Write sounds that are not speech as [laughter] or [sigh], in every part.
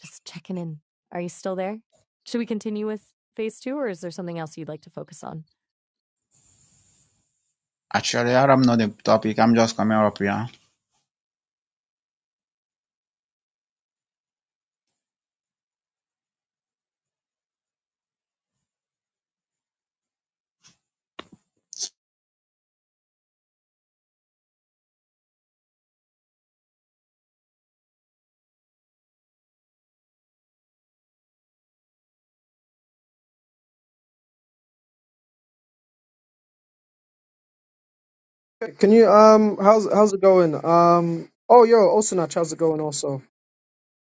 Just checking in. Are you still there? Should we continue with phase two, or is there something else you'd like to focus on? Actually, I'm not the topic. I'm just coming up here. Can you um how's how's it going? Um oh yo, Osanach, how's it going also?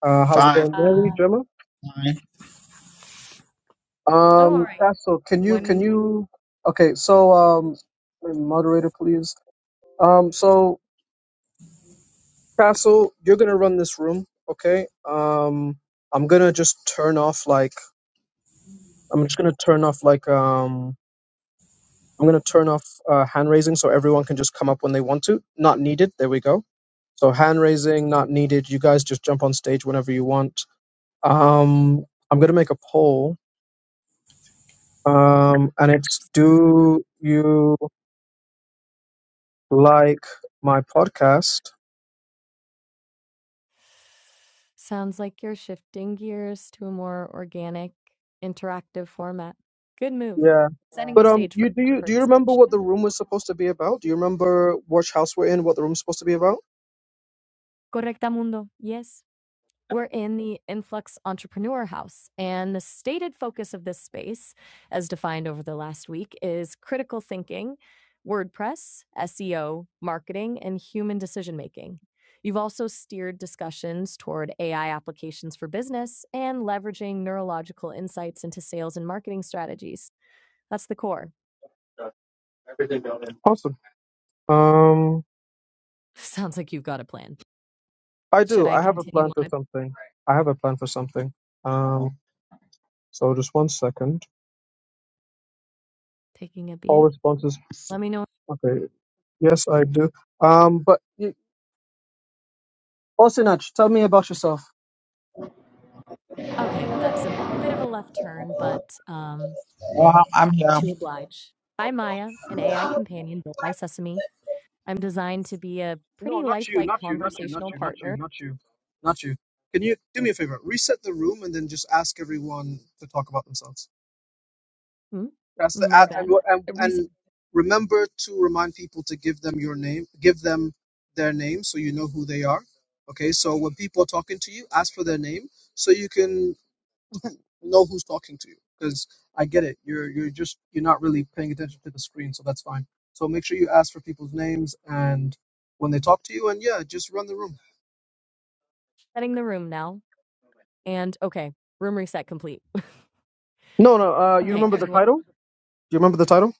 Uh how's it Fine, going, Mary, Uh, Gemma? fine. Oh, all Um right. Castle, can What- you can you okay, so um moderator please. Um so Castle, you're gonna run this room, okay? Um I'm gonna just turn off like I'm just gonna turn off like um I'm gonna turn off uh, hand raising so everyone can just come up when they want to. Not needed. There we go. So hand raising not needed. You guys just jump on stage whenever you want. Um, I'm gonna make a poll, um, and it's do you like my podcast? sounds like you're shifting gears to a more organic, interactive format? Good move. Yeah, Setting the but um, stage for you do our you do you remember what participation. the room was supposed to be about? Do you remember which house we're in? What the room's supposed to be about? Correctamundo. Yes. We're in the Influx Entrepreneur House, and the stated focus of this space, as defined over the last week, is critical thinking, WordPress, SEO, marketing, and human decision making. You've also steered discussions toward AI applications for business and leveraging neurological insights into sales and marketing strategies. That's the core. Awesome. Um, [laughs] Sounds like you've got a plan. I Should do. I I have a plan continue on for it? something. I have a plan for something. Um, so just one second. Taking a All beat? responses. Let me know. Okay. Yes, I do. Um, but you, Osinach, tell me about yourself. Okay, that's a bit of a left turn, but um, Oh, I'm I'm Happy here. to oblige. By Maya, an AI companion built by Sesame. I'm designed to be a No, pretty not you, lifelike not you, not you, not conversational you, not you, partner. not you, not you. Can you do me a favor? Reset the room and then just ask everyone to talk about themselves. Hmm? That's the My a- and bad. what- and and remember to remind people to give them your name, give them their name so you know who they are. Okay, so when people are talking to you, ask for their name so you can [laughs] know who's talking to you. Because I get it, you're you're just you're not really paying attention to the screen, so that's fine. So make sure you ask for people's names and when they talk to you, and yeah, just run the room. Resetting the room now. And okay, room reset complete. No, no. Uh, you Okay, remember the everyone. title? Do you remember the title?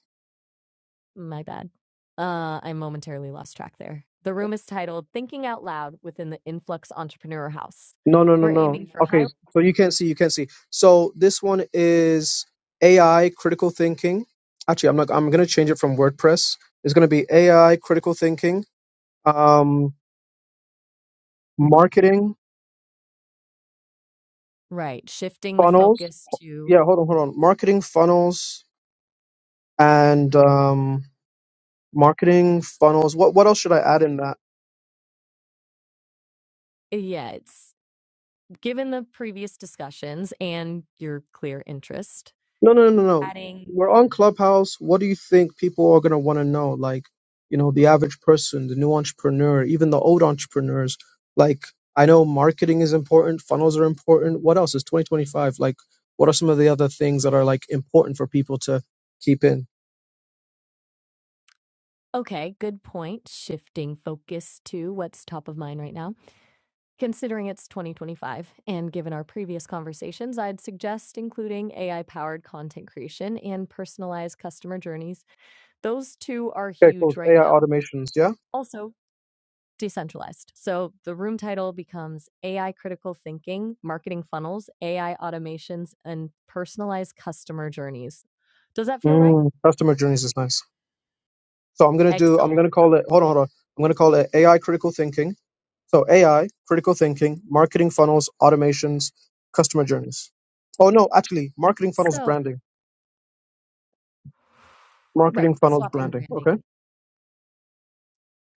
My bad. Uh, I momentarily lost track there. The room is titled Thinking Out Loud within the Influx Entrepreneur House. No, no, no, We're no. aiming for high. Okay, so you can't see. You can't see. So this one is AI critical thinking. Actually, I'm not. I'm gonna change it from WordPress. It's gonna be AI critical thinking. Um, marketing Right, shifting the funnels. focus to, Yeah, hold on, hold on. Marketing funnels and um, marketing funnels. What what else should I add in that? yeah, it's given the previous discussions and your clear interest, No, no, no, no. no. adding We're on Clubhouse. What do you think people are going to want to know? Like, you know, the average person, the new entrepreneur, even the old entrepreneurs. Like, I know marketing is important, funnels are important. What else is 2025? Like, what are some of the other things that are like important for people to keep in? Okay, good point. Shifting focus to what's top of mind right now. Considering it's 2025, and given our previous conversations, I'd suggest including AI powered content creation and personalized customer journeys. Those two are Okay, huge cool. right AI now. automations, yeah? Also, decentralized. So the room title becomes AI critical thinking, marketing funnels, AI automations, and personalized customer journeys. Does that feel right? Mm. Customer journeys is nice. So I'm going to do, I'm going Excellent. to call it, hold on, hold on. I'm going to call it AI critical thinking. So AI, critical thinking, marketing funnels, automations, customer journeys. Oh no, actually, marketing funnels, So, branding, right, marketing funnels, swapping branding. branding Okay, and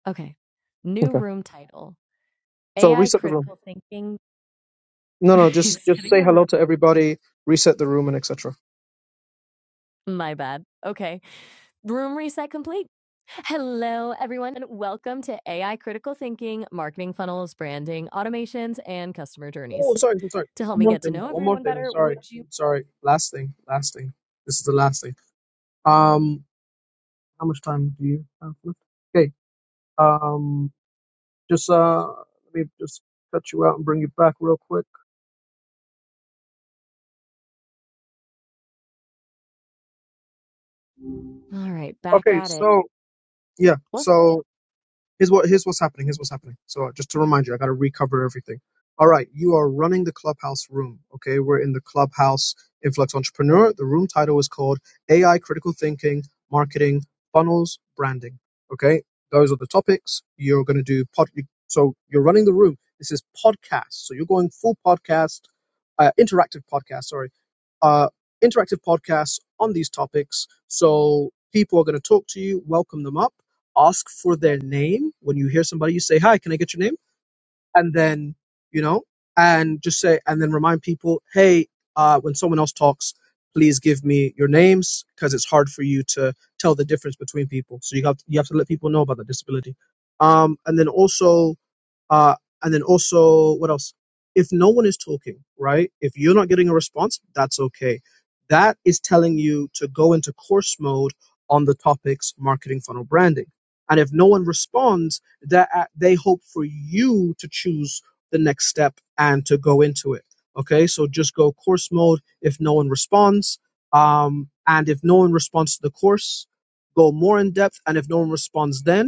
Okay. New okay. room title. So AI reset the room. critical thinking No, [laughs] no, just just resetting say the hello room. to everybody, reset the room, and etc. My bad. Okay. Room reset complete. Hello, everyone, and welcome to AI Critical Thinking, Marketing Funnels, Branding, Automations, and Customer Oh, Journeys. sorry, I'm sorry. To help One me more get to thing. know One more everyone thing. better, Sorry, would you? sorry. Last thing. Last thing. This is the last thing. Um, how much time do you have left? Okay. Um, just uh, let me just cut you out and bring you back real quick. All right, back Okay, at it. so yeah, What's so cooking? here's what here's what's happening. Here's what's happening. So just to remind you, I got to recover everything. All right, you are running the clubhouse room. Okay, we're in the clubhouse influx entrepreneur. The room title is called AI critical thinking, marketing, funnels, branding. Okay, those are the topics you're going to do. Pod, so you're running the room. This is podcast. So you're going full podcast, uh, interactive podcast. Sorry, uh, interactive podcasts on these topics. So people are going to talk to you, welcome them up ask for their name. When you hear somebody, you say, Hi, can I get your name? And then, you know, and just say, and then remind people, Hey, uh, when someone else talks, please give me your names because it's hard for you to tell the difference between people. So you have, to, you have to let people know about the disability. Um, and then also, uh, and then also, what else? If no one is talking, right? If you're not getting a response, that's okay. That is telling you to go into course mode on the topics marketing funnel branding. And if no one responds, that uh, they hope for you to choose the next step and to go into it. Okay, so just go course mode if no one responds. Um, and if no one responds to the course, go more in depth. And if no one responds, then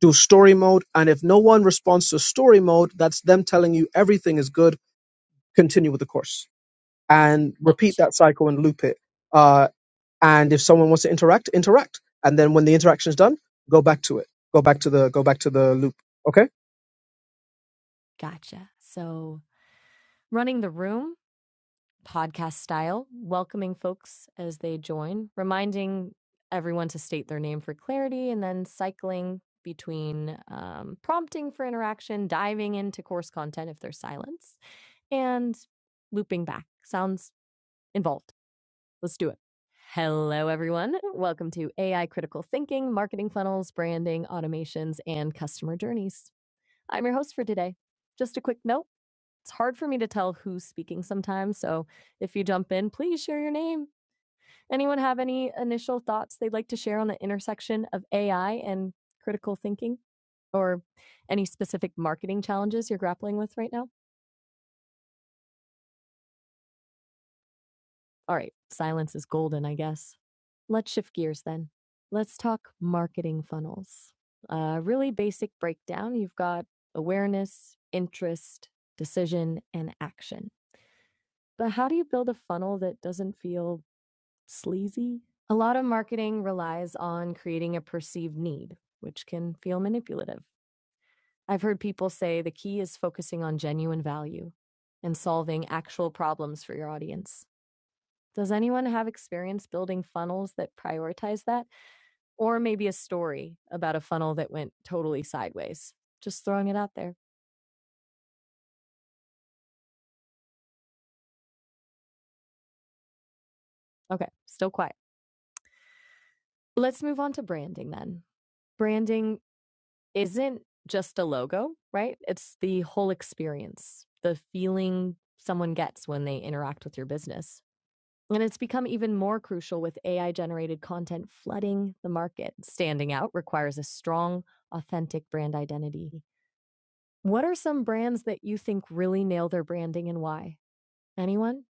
do story mode. And if no one responds to story mode, that's them telling you everything is good. Continue with the course and repeat Gotcha. that cycle and loop it. Uh, and if someone wants to interact, interact. And then when the interaction is done, go back to it. Go back to the go back to the loop. Okay Gotcha. So, running the room, podcast style, welcoming folks as they join, reminding everyone to state their name for clarity, and then cycling between um, prompting for interaction, diving into course content if there's silence, and looping back. Sounds involved. Let's do it. Hello, everyone. Welcome to AI Critical Thinking, Marketing Funnels, Branding, Automations, and Customer Journeys. I'm your host for today. Just a quick note. It's hard for me to tell who's speaking sometimes, so if you jump in, please share your name. Anyone have any initial thoughts they'd like to share on the intersection of AI and critical thinking or any specific marketing challenges you're grappling with right now? All right, silence is golden, I guess. Let's shift gears then. Let's talk marketing funnels. A really basic breakdown. You've got awareness, interest, decision, and action. But how do you build a funnel that doesn't feel Sleazy? A lot of marketing relies on creating a perceived need, which can feel manipulative. I've heard people say the key is focusing on genuine value and solving actual problems for your audience. Does anyone have experience building funnels that prioritize that? Or maybe a story about a funnel that went totally sideways? Just throwing it out there. Okay, still quiet. Let's move on to branding then. Branding isn't just a logo, right? It's the whole experience, the feeling someone gets when they interact with your business. And it's become even more crucial with AI generated content flooding the market. Standing out requires a strong, authentic brand identity. What are some brands that you think really nail their branding and why? Anyone?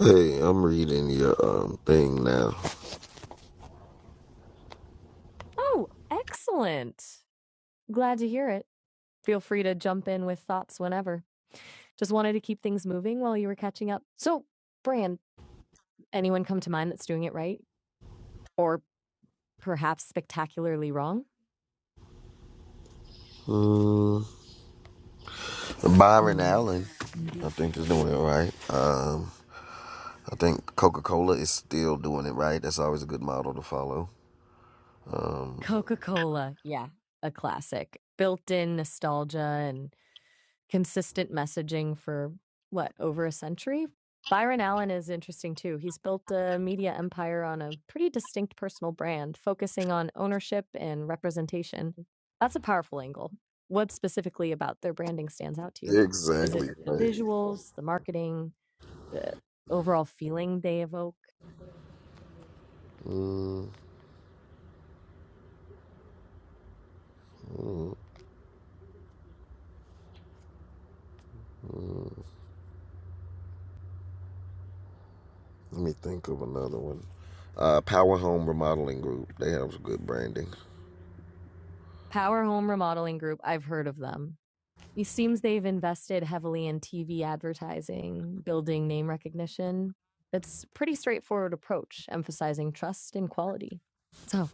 Hey, I'm reading your um thing now. Oh, excellent. Glad to hear it. Feel free to jump in with thoughts whenever. Just wanted to keep things moving while you were catching up. So, brand, Anyone come to mind that's doing it right or perhaps spectacularly wrong? Mm, Byron Mm, Allen, I indeed. think is doing it right. Um, I think Coca-Cola is still doing it right. That's always a good model to follow. Um, Coca-Cola, yeah, a classic. Built-in nostalgia and consistent messaging for what, over a century? Byron Allen is interesting too. He's built a media empire on a pretty distinct personal brand, focusing on ownership and representation. That's a powerful angle. What specifically about their branding stands out to you? Is it exactly the right. visuals, the marketing, the overall feeling they evoke. Mm, mm, mm. Let me think of another one. Uh, Power Home Remodeling Group. They have some good branding. Power Home Remodeling Group, I've heard of them. It seems they've invested heavily in TV advertising, building name recognition. It's a pretty straightforward approach, emphasizing trust and quality. So,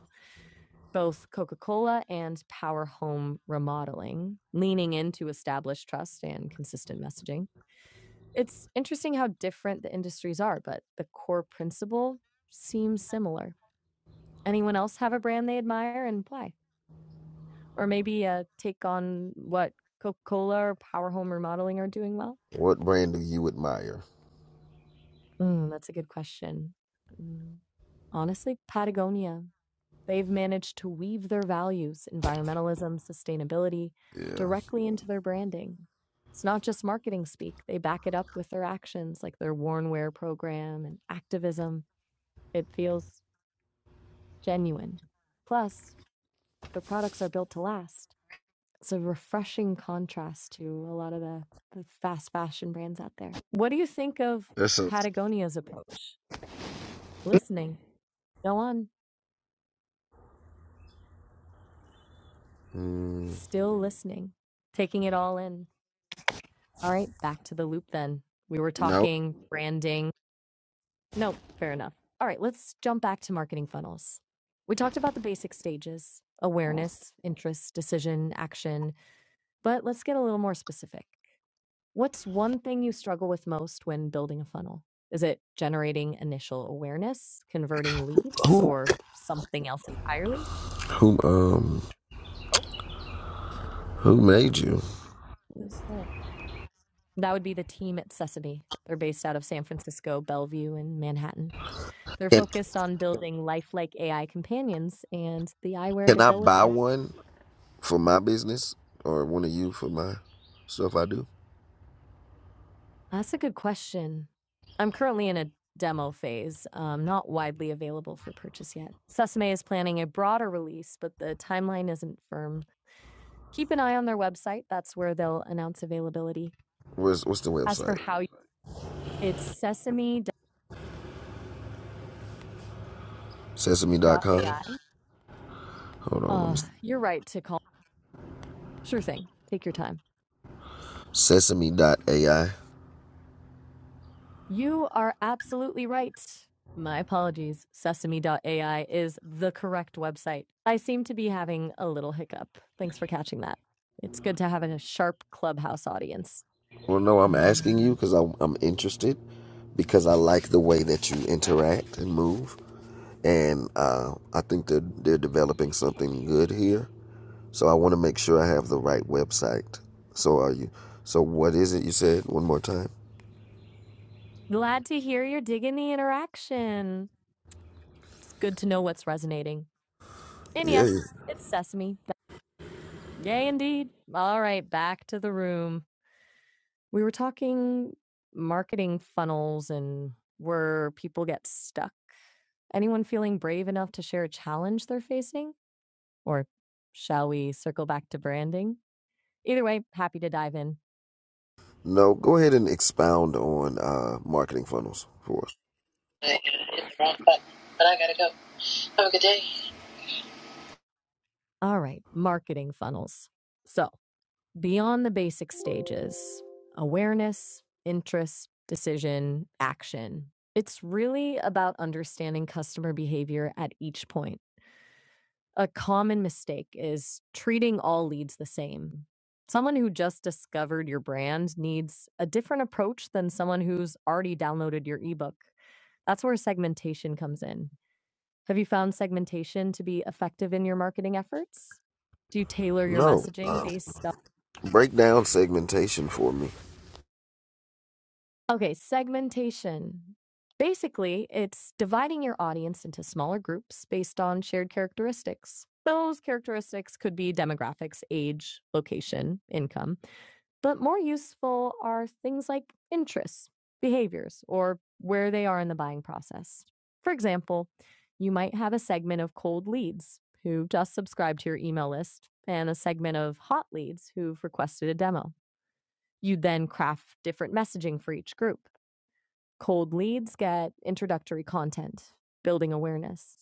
both Coca Cola and Power Home Remodeling, leaning into established trust and consistent messaging. It's interesting how different the industries are, but the core principle seems similar. Anyone else have a brand they admire and why? Or maybe a take on what Coca-Cola or Power Home Remodeling are doing well? What brand do you admire? Mm, that's a good question. Mm, honestly, Patagonia. They've managed to weave their values, environmentalism, sustainability, Yeah, directly into their branding. It's not just marketing speak, they back it up with their actions, like their worn wear program and activism. It feels genuine. Plus, their products are built to last. It's a refreshing contrast to a lot of the, the fast fashion brands out there. What do you think of that's a Patagonia's approach? Listening. Go on. mm, Still listening. Taking it all in. All right, back to the loop then. We were no. talking branding. Nope, fair enough. All right, let's jump back to marketing funnels. We talked about the basic stages awareness, interest, decision, action, but let's get a little more specific. What's one thing you struggle with most when building a funnel? Is it generating initial awareness, converting leads, Who or something else entirely? who um Oh, who made you? who's there? That would be the team at Sesame. They're based out of San Francisco, Bellevue, and Manhattan. They're And focused on building lifelike AI companions and the eyewear Can to I go with buy them. one for my business or one of you for my stuff I do? That's a good question. I'm currently in a demo phase, um, not widely available for purchase yet. Sesame is planning a broader release, but the timeline isn't firm. keep an eye on their website. That's where they'll announce availability. Where's what's the As for website? how you, it's sesame. it's Sesame.com. sesame.ai. Hold on, let Uh, me see. you're right to call. Sure thing. Take your time. Sesame.ai. You are absolutely right. My apologies. Sesame. ai is the correct website. I seem to be having a little hiccup. Thanks for catching that. It's good to have a sharp clubhouse audience. Well, no, I'm asking you Um, because I'm, I'm interested because I like the way that you interact and move, and uh, I think they're they're developing something good here. So I want to make sure I have the right website. So are you? So what is it you said one more time? glad to hear you're digging the interaction. It's good to know what's resonating. And Yeah. yes, it's sesame. Yay, indeed. All right, back to the room. We were talking marketing funnels and where people get stuck. Anyone feeling brave enough to share a challenge they're facing? Or shall we circle back to branding? Either way, happy to dive in. No, go ahead and expound on uh, marketing funnels for us. All right, marketing funnels. So, beyond the basic stages awareness, interest, decision, action. It's really about understanding customer behavior at each point A common mistake is treating all leads the same. Someone who just discovered your brand needs a different approach than someone who's already downloaded your ebook. That's where segmentation comes in. Have you found segmentation to be effective in your marketing efforts? Do you tailor your No, messaging um, based break down segmentation for me. Okay, segmentation. Basically, it's dividing your audience into smaller groups based on shared characteristics. Those characteristics could be demographics, age, location, income, but more useful are things like interests, behaviors, or where they are in the buying process. For example, you might have a segment of cold leads who just subscribed to your email list and a segment of hot leads who've requested a demo. You'd then craft different messaging for each group. Cold leads get introductory content, building awareness.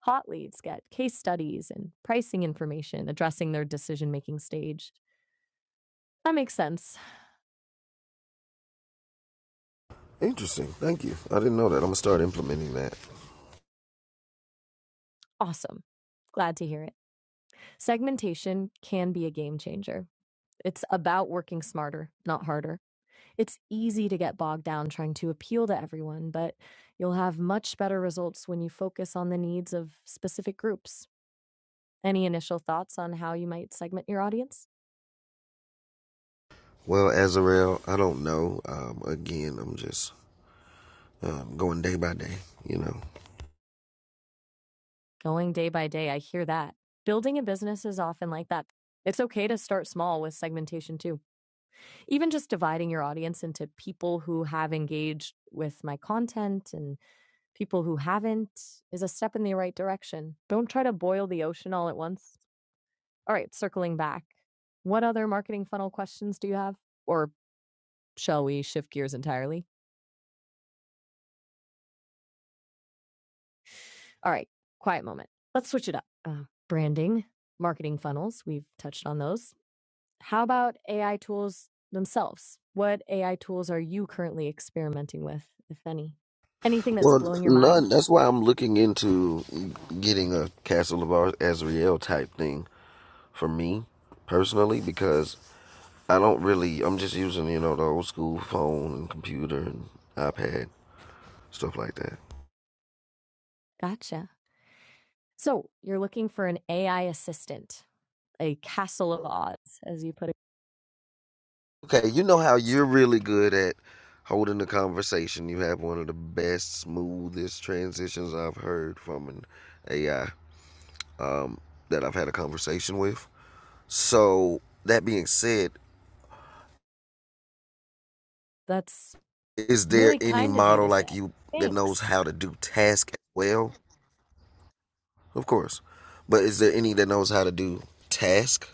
Hot leads get case studies and pricing information addressing their decision making stage. That makes sense. Interesting. Thank you. I didn't know that. I'm gonna start implementing that. Awesome. Glad to hear it. Segmentation can be a game changer. It's about working smarter, not harder. It's easy to get bogged down trying to appeal to everyone, but you'll have much better results when you focus on the needs of specific groups. Any initial thoughts on how you might segment your audience? Well, Azrael, I don't know. Um, again, I'm just um, going day by day. You know. going day by day. I hear that. Building a business is often like that. It's okay to start small with segmentation too. Even just dividing your audience into people who have engaged with my content and people who haven't is a step in the right direction. Don't try to boil the ocean all at once. All right, circling back. What other marketing funnel questions do you have? Or shall we shift gears entirely? All right, quiet moment. Let's switch it up. Uh, branding, marketing funnels, we've touched on those. How about AI tools themselves? What AI tools are you currently experimenting with, if any? Anything that's Well, blowing your Well, mind? none. That's why I'm looking into getting a Castle of Azrael type thing for me personally because I don't really. I'm just using you know the old school phone and computer and iPad stuff like that. Gotcha. So you're looking for an AI assistant, a castle of odds, as you put it. Okay, you know how you're really good at holding the conversation. You have one of the best, smoothest transitions I've heard from an AI um, that I've had a conversation with. So that being said, That's is there really any kind of you to model like say. you that knows Thanks. how to do task as well? Of course, but is there any that knows how to do task?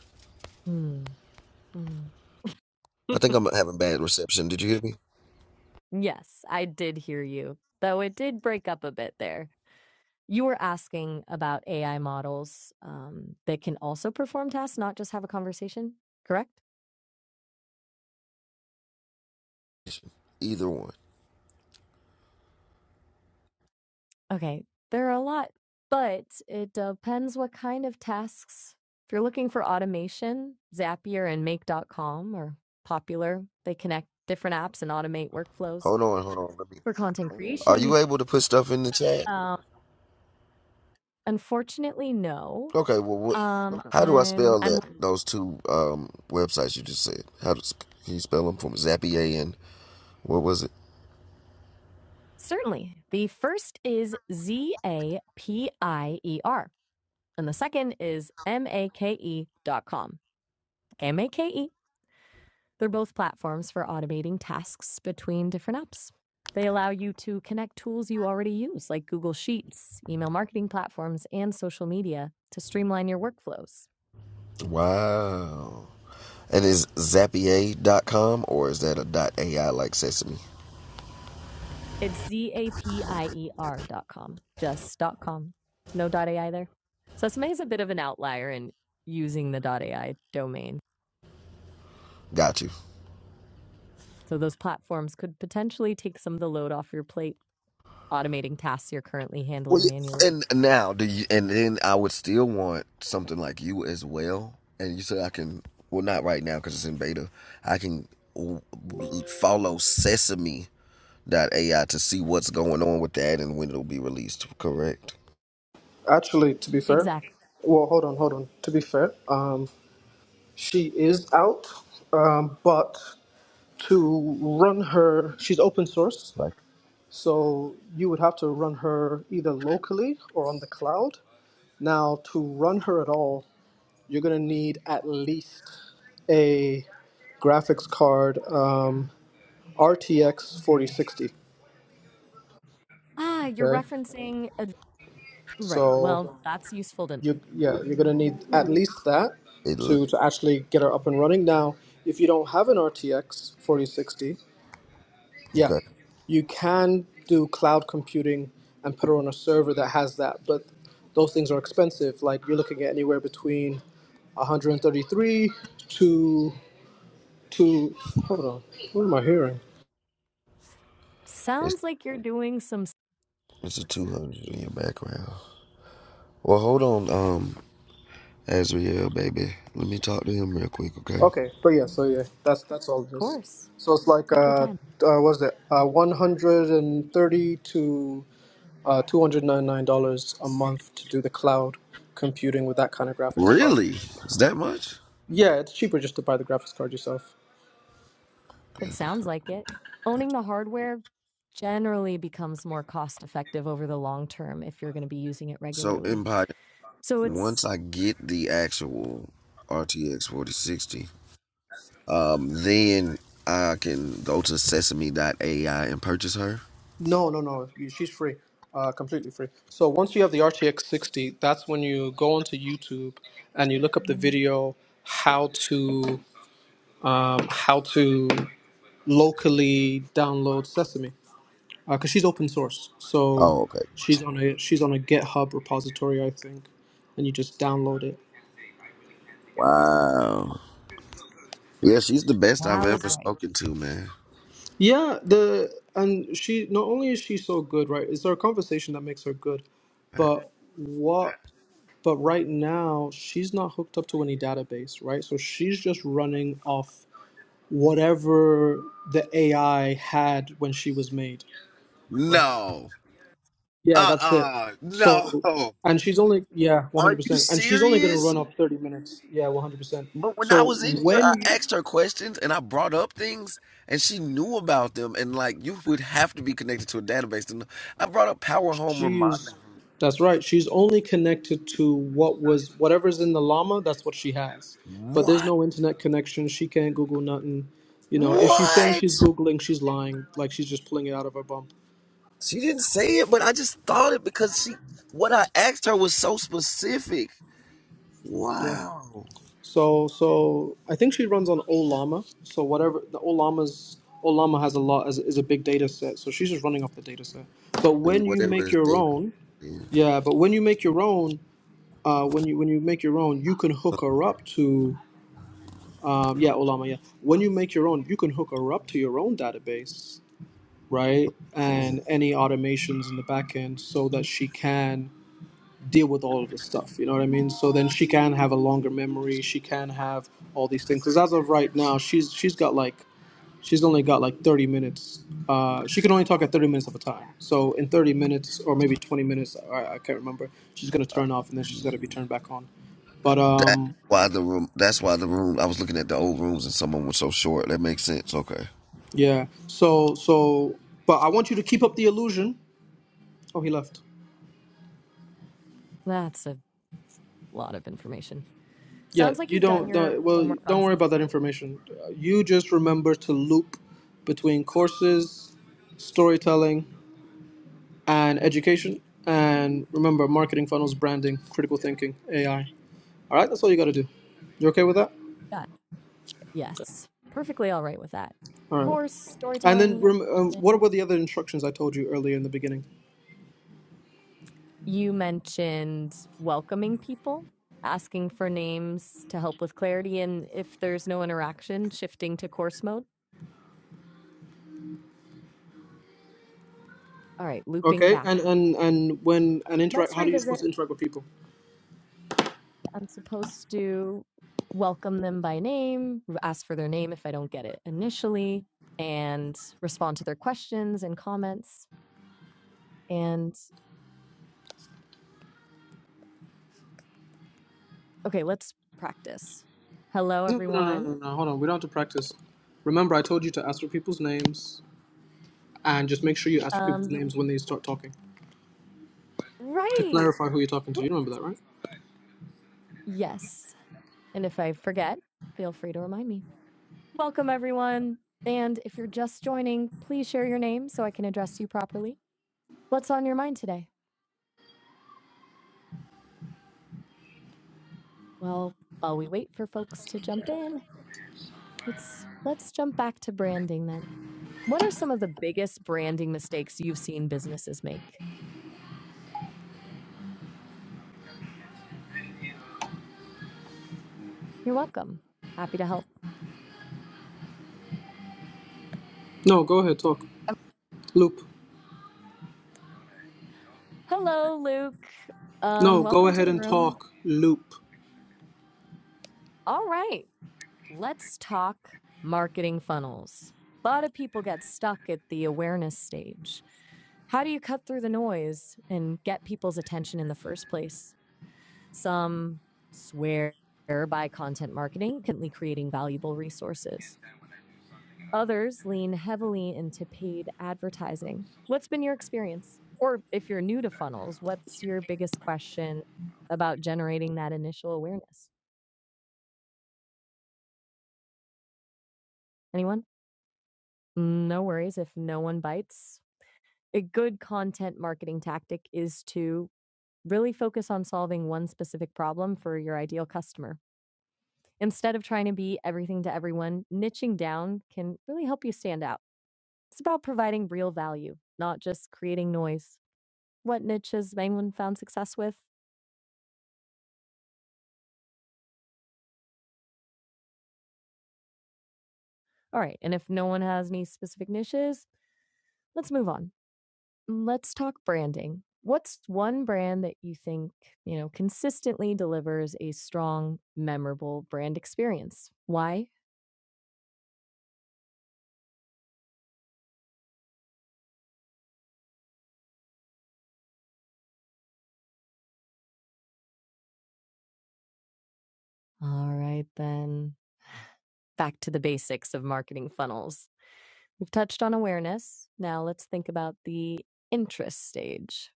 Mm, mm. I [laughs] think I'm having bad reception. Did you hear me? Yes, I did hear you, though it did break up a bit there. You were asking about AI models um, that can also perform tasks, not just have a conversation, correct? Either one. Okay, there are a lot, but it depends what kind of tasks. If you're looking for automation, Zapier and Make. dot com are popular. They connect different apps and automate workflows. Hold on, hold on. Let me. For content Are creation, you you able to put stuff in the chat? uh, unfortunately no. Okay, well, what? Um, Okay. How do I when spell I'm that? Those two um, websites you just said. How does can you spell them for me? Zapier and what was it? certainly the first is Z A P I E R, and the second is M A K E dot com. M A K E They're both platforms for automating tasks between different apps. They allow you to connect tools you already use, like Google Sheets, email marketing platforms, and social media, to streamline your workflows. Wow. And is Zapier.com or is that a AI like Sesame? It's zapier.com, just dot .com. just .com. No dot .ai there. So SMA is a bit of an outlier in using the dot .ai domain. Got you. So those platforms could potentially take some of the load off your plate Automating tasks you're currently Well, handling manually. yeah, and now do you? And then I would still want something like you as well. And you said I can. Well, not right now because it's in beta. I can w- w- follow Sesame.ai to see what's going on with that and when it'll be released. Correct. Actually, to be fair, Exactly. well, hold on, hold on. To be fair, um, she is out, um, but to run her, she's open source, so you would have to run her either locally or on the cloud. Now, to run her at all, you're gonna need at least a graphics card um, RTX 4060. Ah, you're Okay, referencing a right, so. well, that's useful to you yeah you're gonna need at least that It to to actually get her up and running now if you don't have an rtx 4060 yeah okay. you can do cloud computing and put her on a server that has that but those things are expensive like you're looking at anywhere between 133 to to hold on what am i hearing It's sounds like you're doing some s it's a What's two that? hundred in your background. Well, hold on, um, Azriel, baby. Let me talk to him real quick, okay? okay but yeah so yeah that's that's all it is course. so it's like Take your uh, time. uh what's it uh 130 to uh, $299 a month to do the cloud computing with that kind of graphics card. Really? Is that much? Yeah, it's cheaper just to buy the graphics card yourself. It sounds like it. Owning the hardware generally becomes more cost-effective over the long term if you're gonna be using it So regularly. Empire. So So Once it's I get the actual RTX forty sixty, um, then I can go to Sesame AI and purchase her. No, no, no. you- She's free, uh, completely free. So once you have the RTX 60, that's when you go onto YouTube and you look up the video how to um, how to locally download Sesame because she's open source. So Oh, okay. she's on a she's on a GitHub repository, I think, and you just download it. Wow. Yeah, she's the best I've wow is ever right. spoken to, man. Yeah, the and she not only is she so good, right? It's our conversation that makes her good, but what? But right now she's not hooked up to any database, right? So she's just running off whatever the AI had when she was made, right? No. Yeah, Uh that's it. uh So, No. and she's only yeah, one hundred Are you percent, and she's only gonna serious? run off thirty minutes. Yeah, one hundred percent. But when I So was in here, I when asked her questions and I brought up things, and she knew about them. And like, you would have to be connected to a database to know. I brought up Power Home Reminder She's Group. that's right. She's only connected to what was whatever's in the llama. That's what she has. But there's What? no internet connection. She can't Google nothing. You know, if she's saying she's What? googling, she's lying. Like she's just pulling it out of her bum. She didn't say it, but I just thought it because she. What I asked her was so specific. Yeah. Wow. So so I think she runs on Olama. So whatever the Olama's Olama has a lot is, is a big data set. So she's just running off the data set. But And when you whatever make is your they. own, yeah. But when you make your own, uh, when you when you make your own, you can hook her up to Um, yeah, Olama, yeah. When you make your own, you can hook her up to your own database, right? And any automations in the back end so that she can deal with all of this stuff. You know what I mean? So then she can have a longer memory. She can have all these things. Because as of right now, she's she's got like she's only got like 30 minutes. Uh, she can only talk at 30 minutes of a time. So in 30 minutes or maybe 20 minutes, I, I can't remember. She's gonna turn off and then she's gotta Yeah. be turned back on. But That's um, why the room. That's why the room. I was looking at the old rooms and some of them were so short. That makes sense. Okay. Yeah. So so, but I want you to keep up the illusion. Oh, he left. That's a lot of information. Yeah. Sounds like You you've done don't. Yeah. your don't well, homework on don't worry about that information. Uh, You just remember to loop between courses, storytelling, and education. And remember, marketing funnels, branding, critical thinking, AI. All right. That's all you got to do. You okay with that? that. Yes. Perfectly all right with that. All right. Course, And then, storytelling, rem- um, what education. were the other instructions I told you earlier in the beginning? You mentioned welcoming people, asking for names to help with clarity, and if there's no interaction, shifting to course mode. All right, looping Okay. back. And and and when and interact. Let's How do you supposed revisit. to interact with people? I'm supposed to welcome them by name, ask for their name if I don't get it initially, and respond to their questions and comments. And Okay, let's practice. Hello, No, no, no, no, everyone. no, no. no. Hold on. We don't have to practice. Remember, I told you to ask for people's names and just make sure you ask for Um, people's you names when they start talking to right? clarify who you're talking to. You remember that, right? Yes. And if I forget, feel free to remind me. Welcome, everyone. And if you're just joining, please share your name so I can address you properly. What's on your mind today? Well, while we wait for folks to jump in, let's let's jump back to branding then. What are some of the biggest branding mistakes you've seen businesses make? You're welcome. Happy to help. No, go ahead, talk. Loop. Hello, Luke. Um, No, go welcome to ahead the and room. talk. Loop. All right. Let's talk marketing funnels. A lot of people get stuck at the awareness stage. How do you cut through the noise and get people's attention in the first place? Some swear by content marketing, currently creating valuable resources. Others lean heavily into paid advertising. What's been your experience? Or if you're new to funnels, what's your biggest question about generating that initial awareness? Anyone? No worries if no one bites. a good content marketing tactic is to really focus on solving one specific problem for your ideal customer. Instead of trying to be everything to everyone, niching down can really help you stand out. It's about providing real value, not just creating noise. What niche has anyone found success with? All right, and if no one has any specific niches, let's move on. Let's talk branding. What's one brand that you think, you know, consistently delivers a strong, memorable brand experience? Why All right, then. Back to the basics of marketing funnels. We've touched on awareness. Now let's think about the interest stage.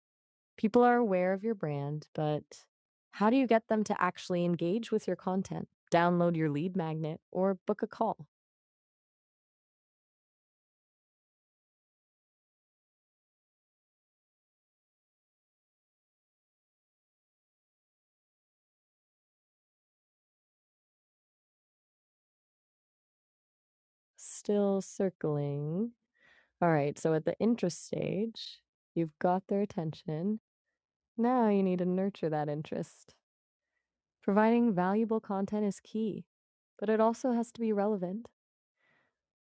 People are aware of your brand, but how do you get them to actually engage with your content, download your lead magnet, or book a call? Still circling. All right, so at the interest stage, you've got their attention. Now you need to nurture that interest. Providing valuable content is key, but it also has to be relevant.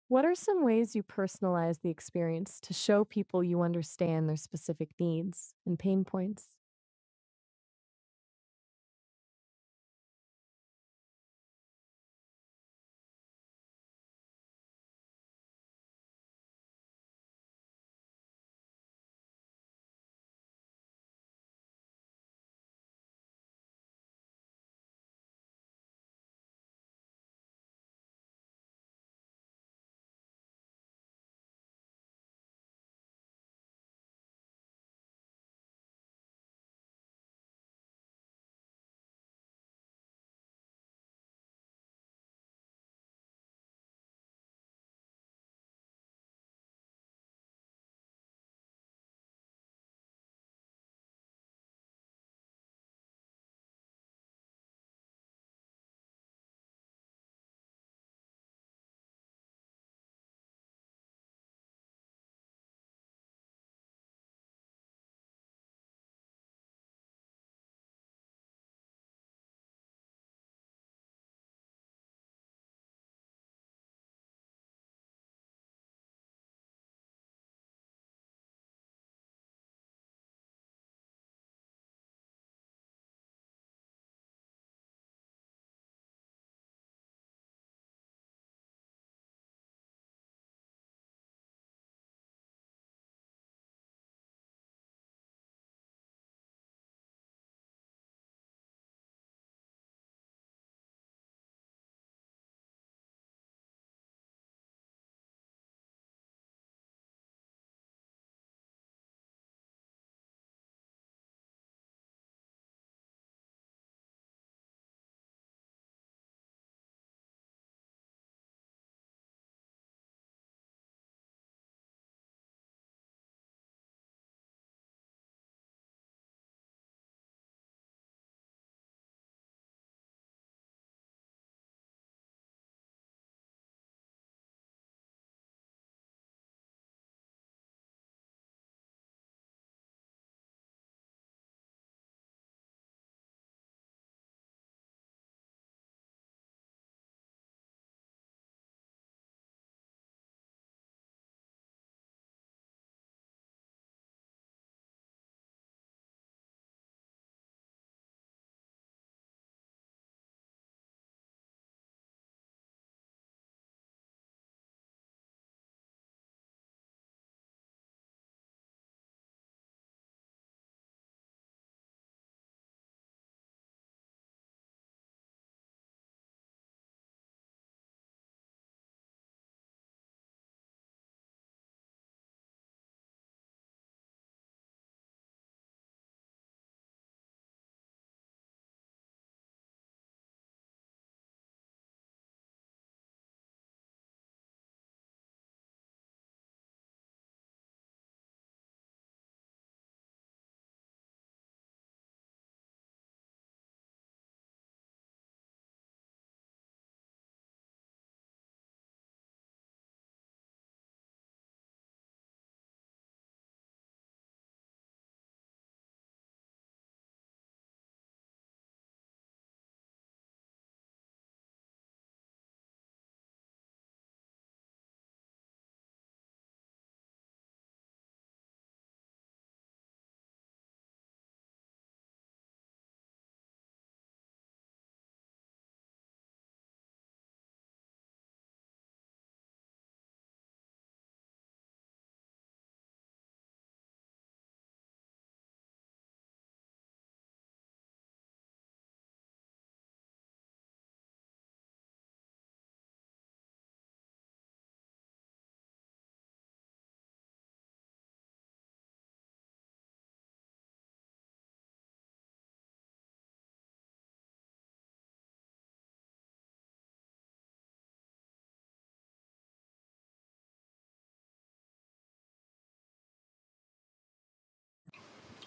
What are some ways you personalize the experience to show people you understand their specific needs and pain points?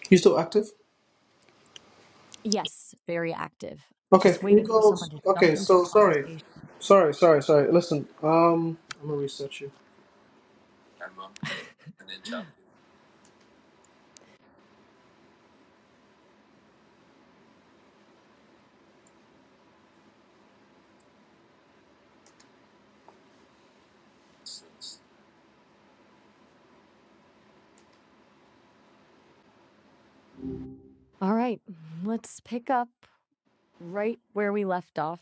You still active? Yes, very active. Okay, Just can waiting. you go? Okay, so sorry. Sorry, sorry, sorry. Listen, um, I'm gonna reset you. [laughs] All right, let's pick up right where we left off.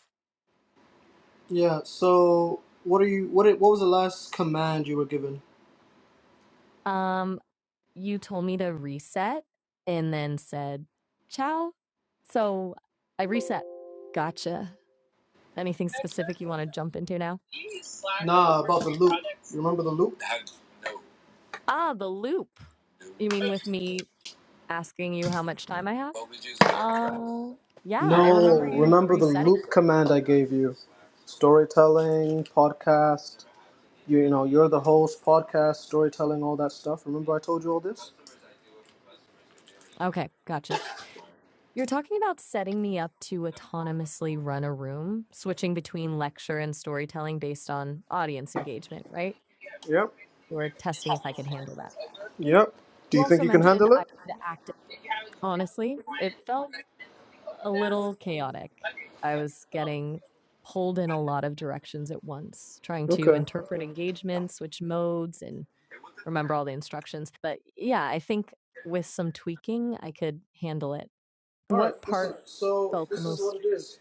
Yeah, so what are you, what, what was the last command you were given? um, you told me to reset and then said, ciao. So I reset. Gotcha. Anything specific you want to jump into now? Nah, about the loop. You remember the loop? Ah, the loop. You mean with me asking you how much time I have? Uh, yeah, I No, remember you remember the resetting. loop command I gave you. Storytelling, podcast, you, you know, you're the host, podcast, storytelling, all that stuff. Remember I told you all this? Okay, gotcha. You're talking about setting me up to autonomously run a room, switching between lecture and storytelling based on audience engagement, right? Yep, Or testing if I could handle that. yep. Do You you think also you can mentioned handle it? I could act. Honestly, it felt a little chaotic. I was getting pulled in a lot of directions at once, trying to Okay. interpret engagement, switch modes, and remember all the instructions. But yeah, I think with some tweaking, I could handle it. All right, What listen, part so felt the this is what most it is.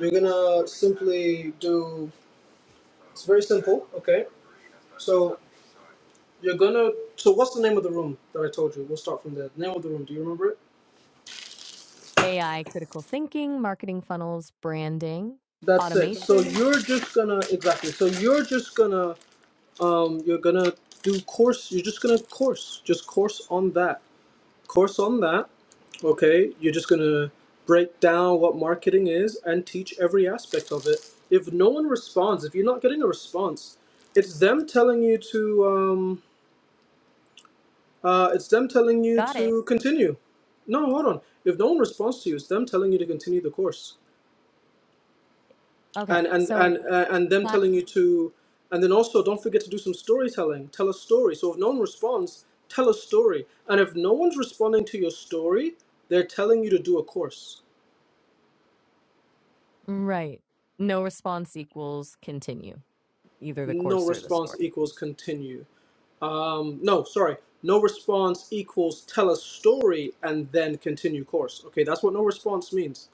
You're gonna simply do, it's very simple, okay? So you're gonna, so what's the name of the room that I told you? We'll start from there. Name of the room, do you remember it? AI critical thinking, marketing funnels, branding, That's it. So automations? you're just gonna exactly. So you're just gonna um, you're gonna do course. You're just gonna course, just course on that, course on that. Okay, you're just gonna break down what marketing is and teach every aspect of it. If no one responds, if you're not getting a response, it's them telling you to, um, uh, it's them telling you Got to it. continue. No, hold on. If no one responds to you, it's them telling you to continue the course Okay. and and and So, uh, and them si- telling you to and then also don't forget to do some storytelling tell a story so if no one responds tell a story and if no one's responding to your story they're telling you to do a course right. No response equals continue, either the no course or the response story. equals continue um no sorry no response equals tell a story and then continue course okay that's what no response means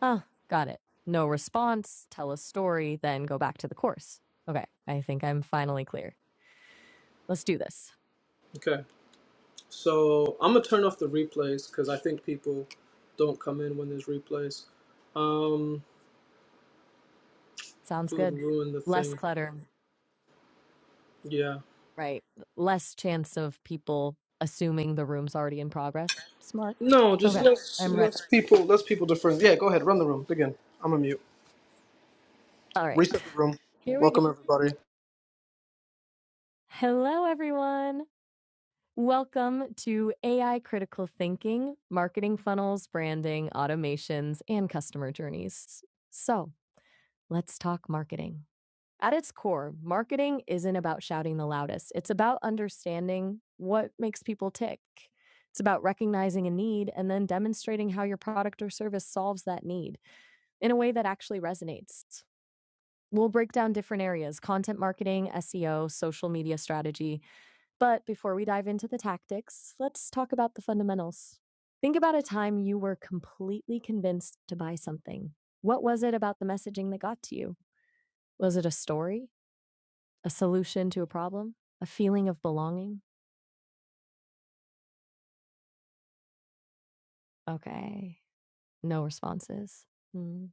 Ah, got it. No response, tell a story, then go back to the course. Okay. I think I'm finally clear. Let's do this. okay so i'm gonna turn off the replays because i think people don't come in when there's replays um Sounds it would good. ruin the Less thing clutter, Yeah. right? Less chance of people assuming the room's already in progress. Smart. No, Okay, just Yeah. let's I'm ready. let's people let's people different. Yeah, go ahead, run the room. Begin. I'm a mute. All right, Reset the room. here we go. Welcome everybody. Hello, everyone. Welcome to AI Critical Thinking Marketing Funnels, Branding, Automations, and Customer Journeys. So, Let's talk marketing. At its core, marketing isn't about shouting the loudest. It's about understanding what makes people tick. It's about recognizing a need and then demonstrating how your product or service solves that need in a way that actually resonates. We'll break down different areas content marketing, SEO, social media strategy. But before we dive into the tactics, let's talk about the fundamentals. Think about a time you were completely convinced to buy something. What was it about the messaging that got to you? Was it a story? A solution to a problem? A feeling of belonging? Okay, no responses. Mm.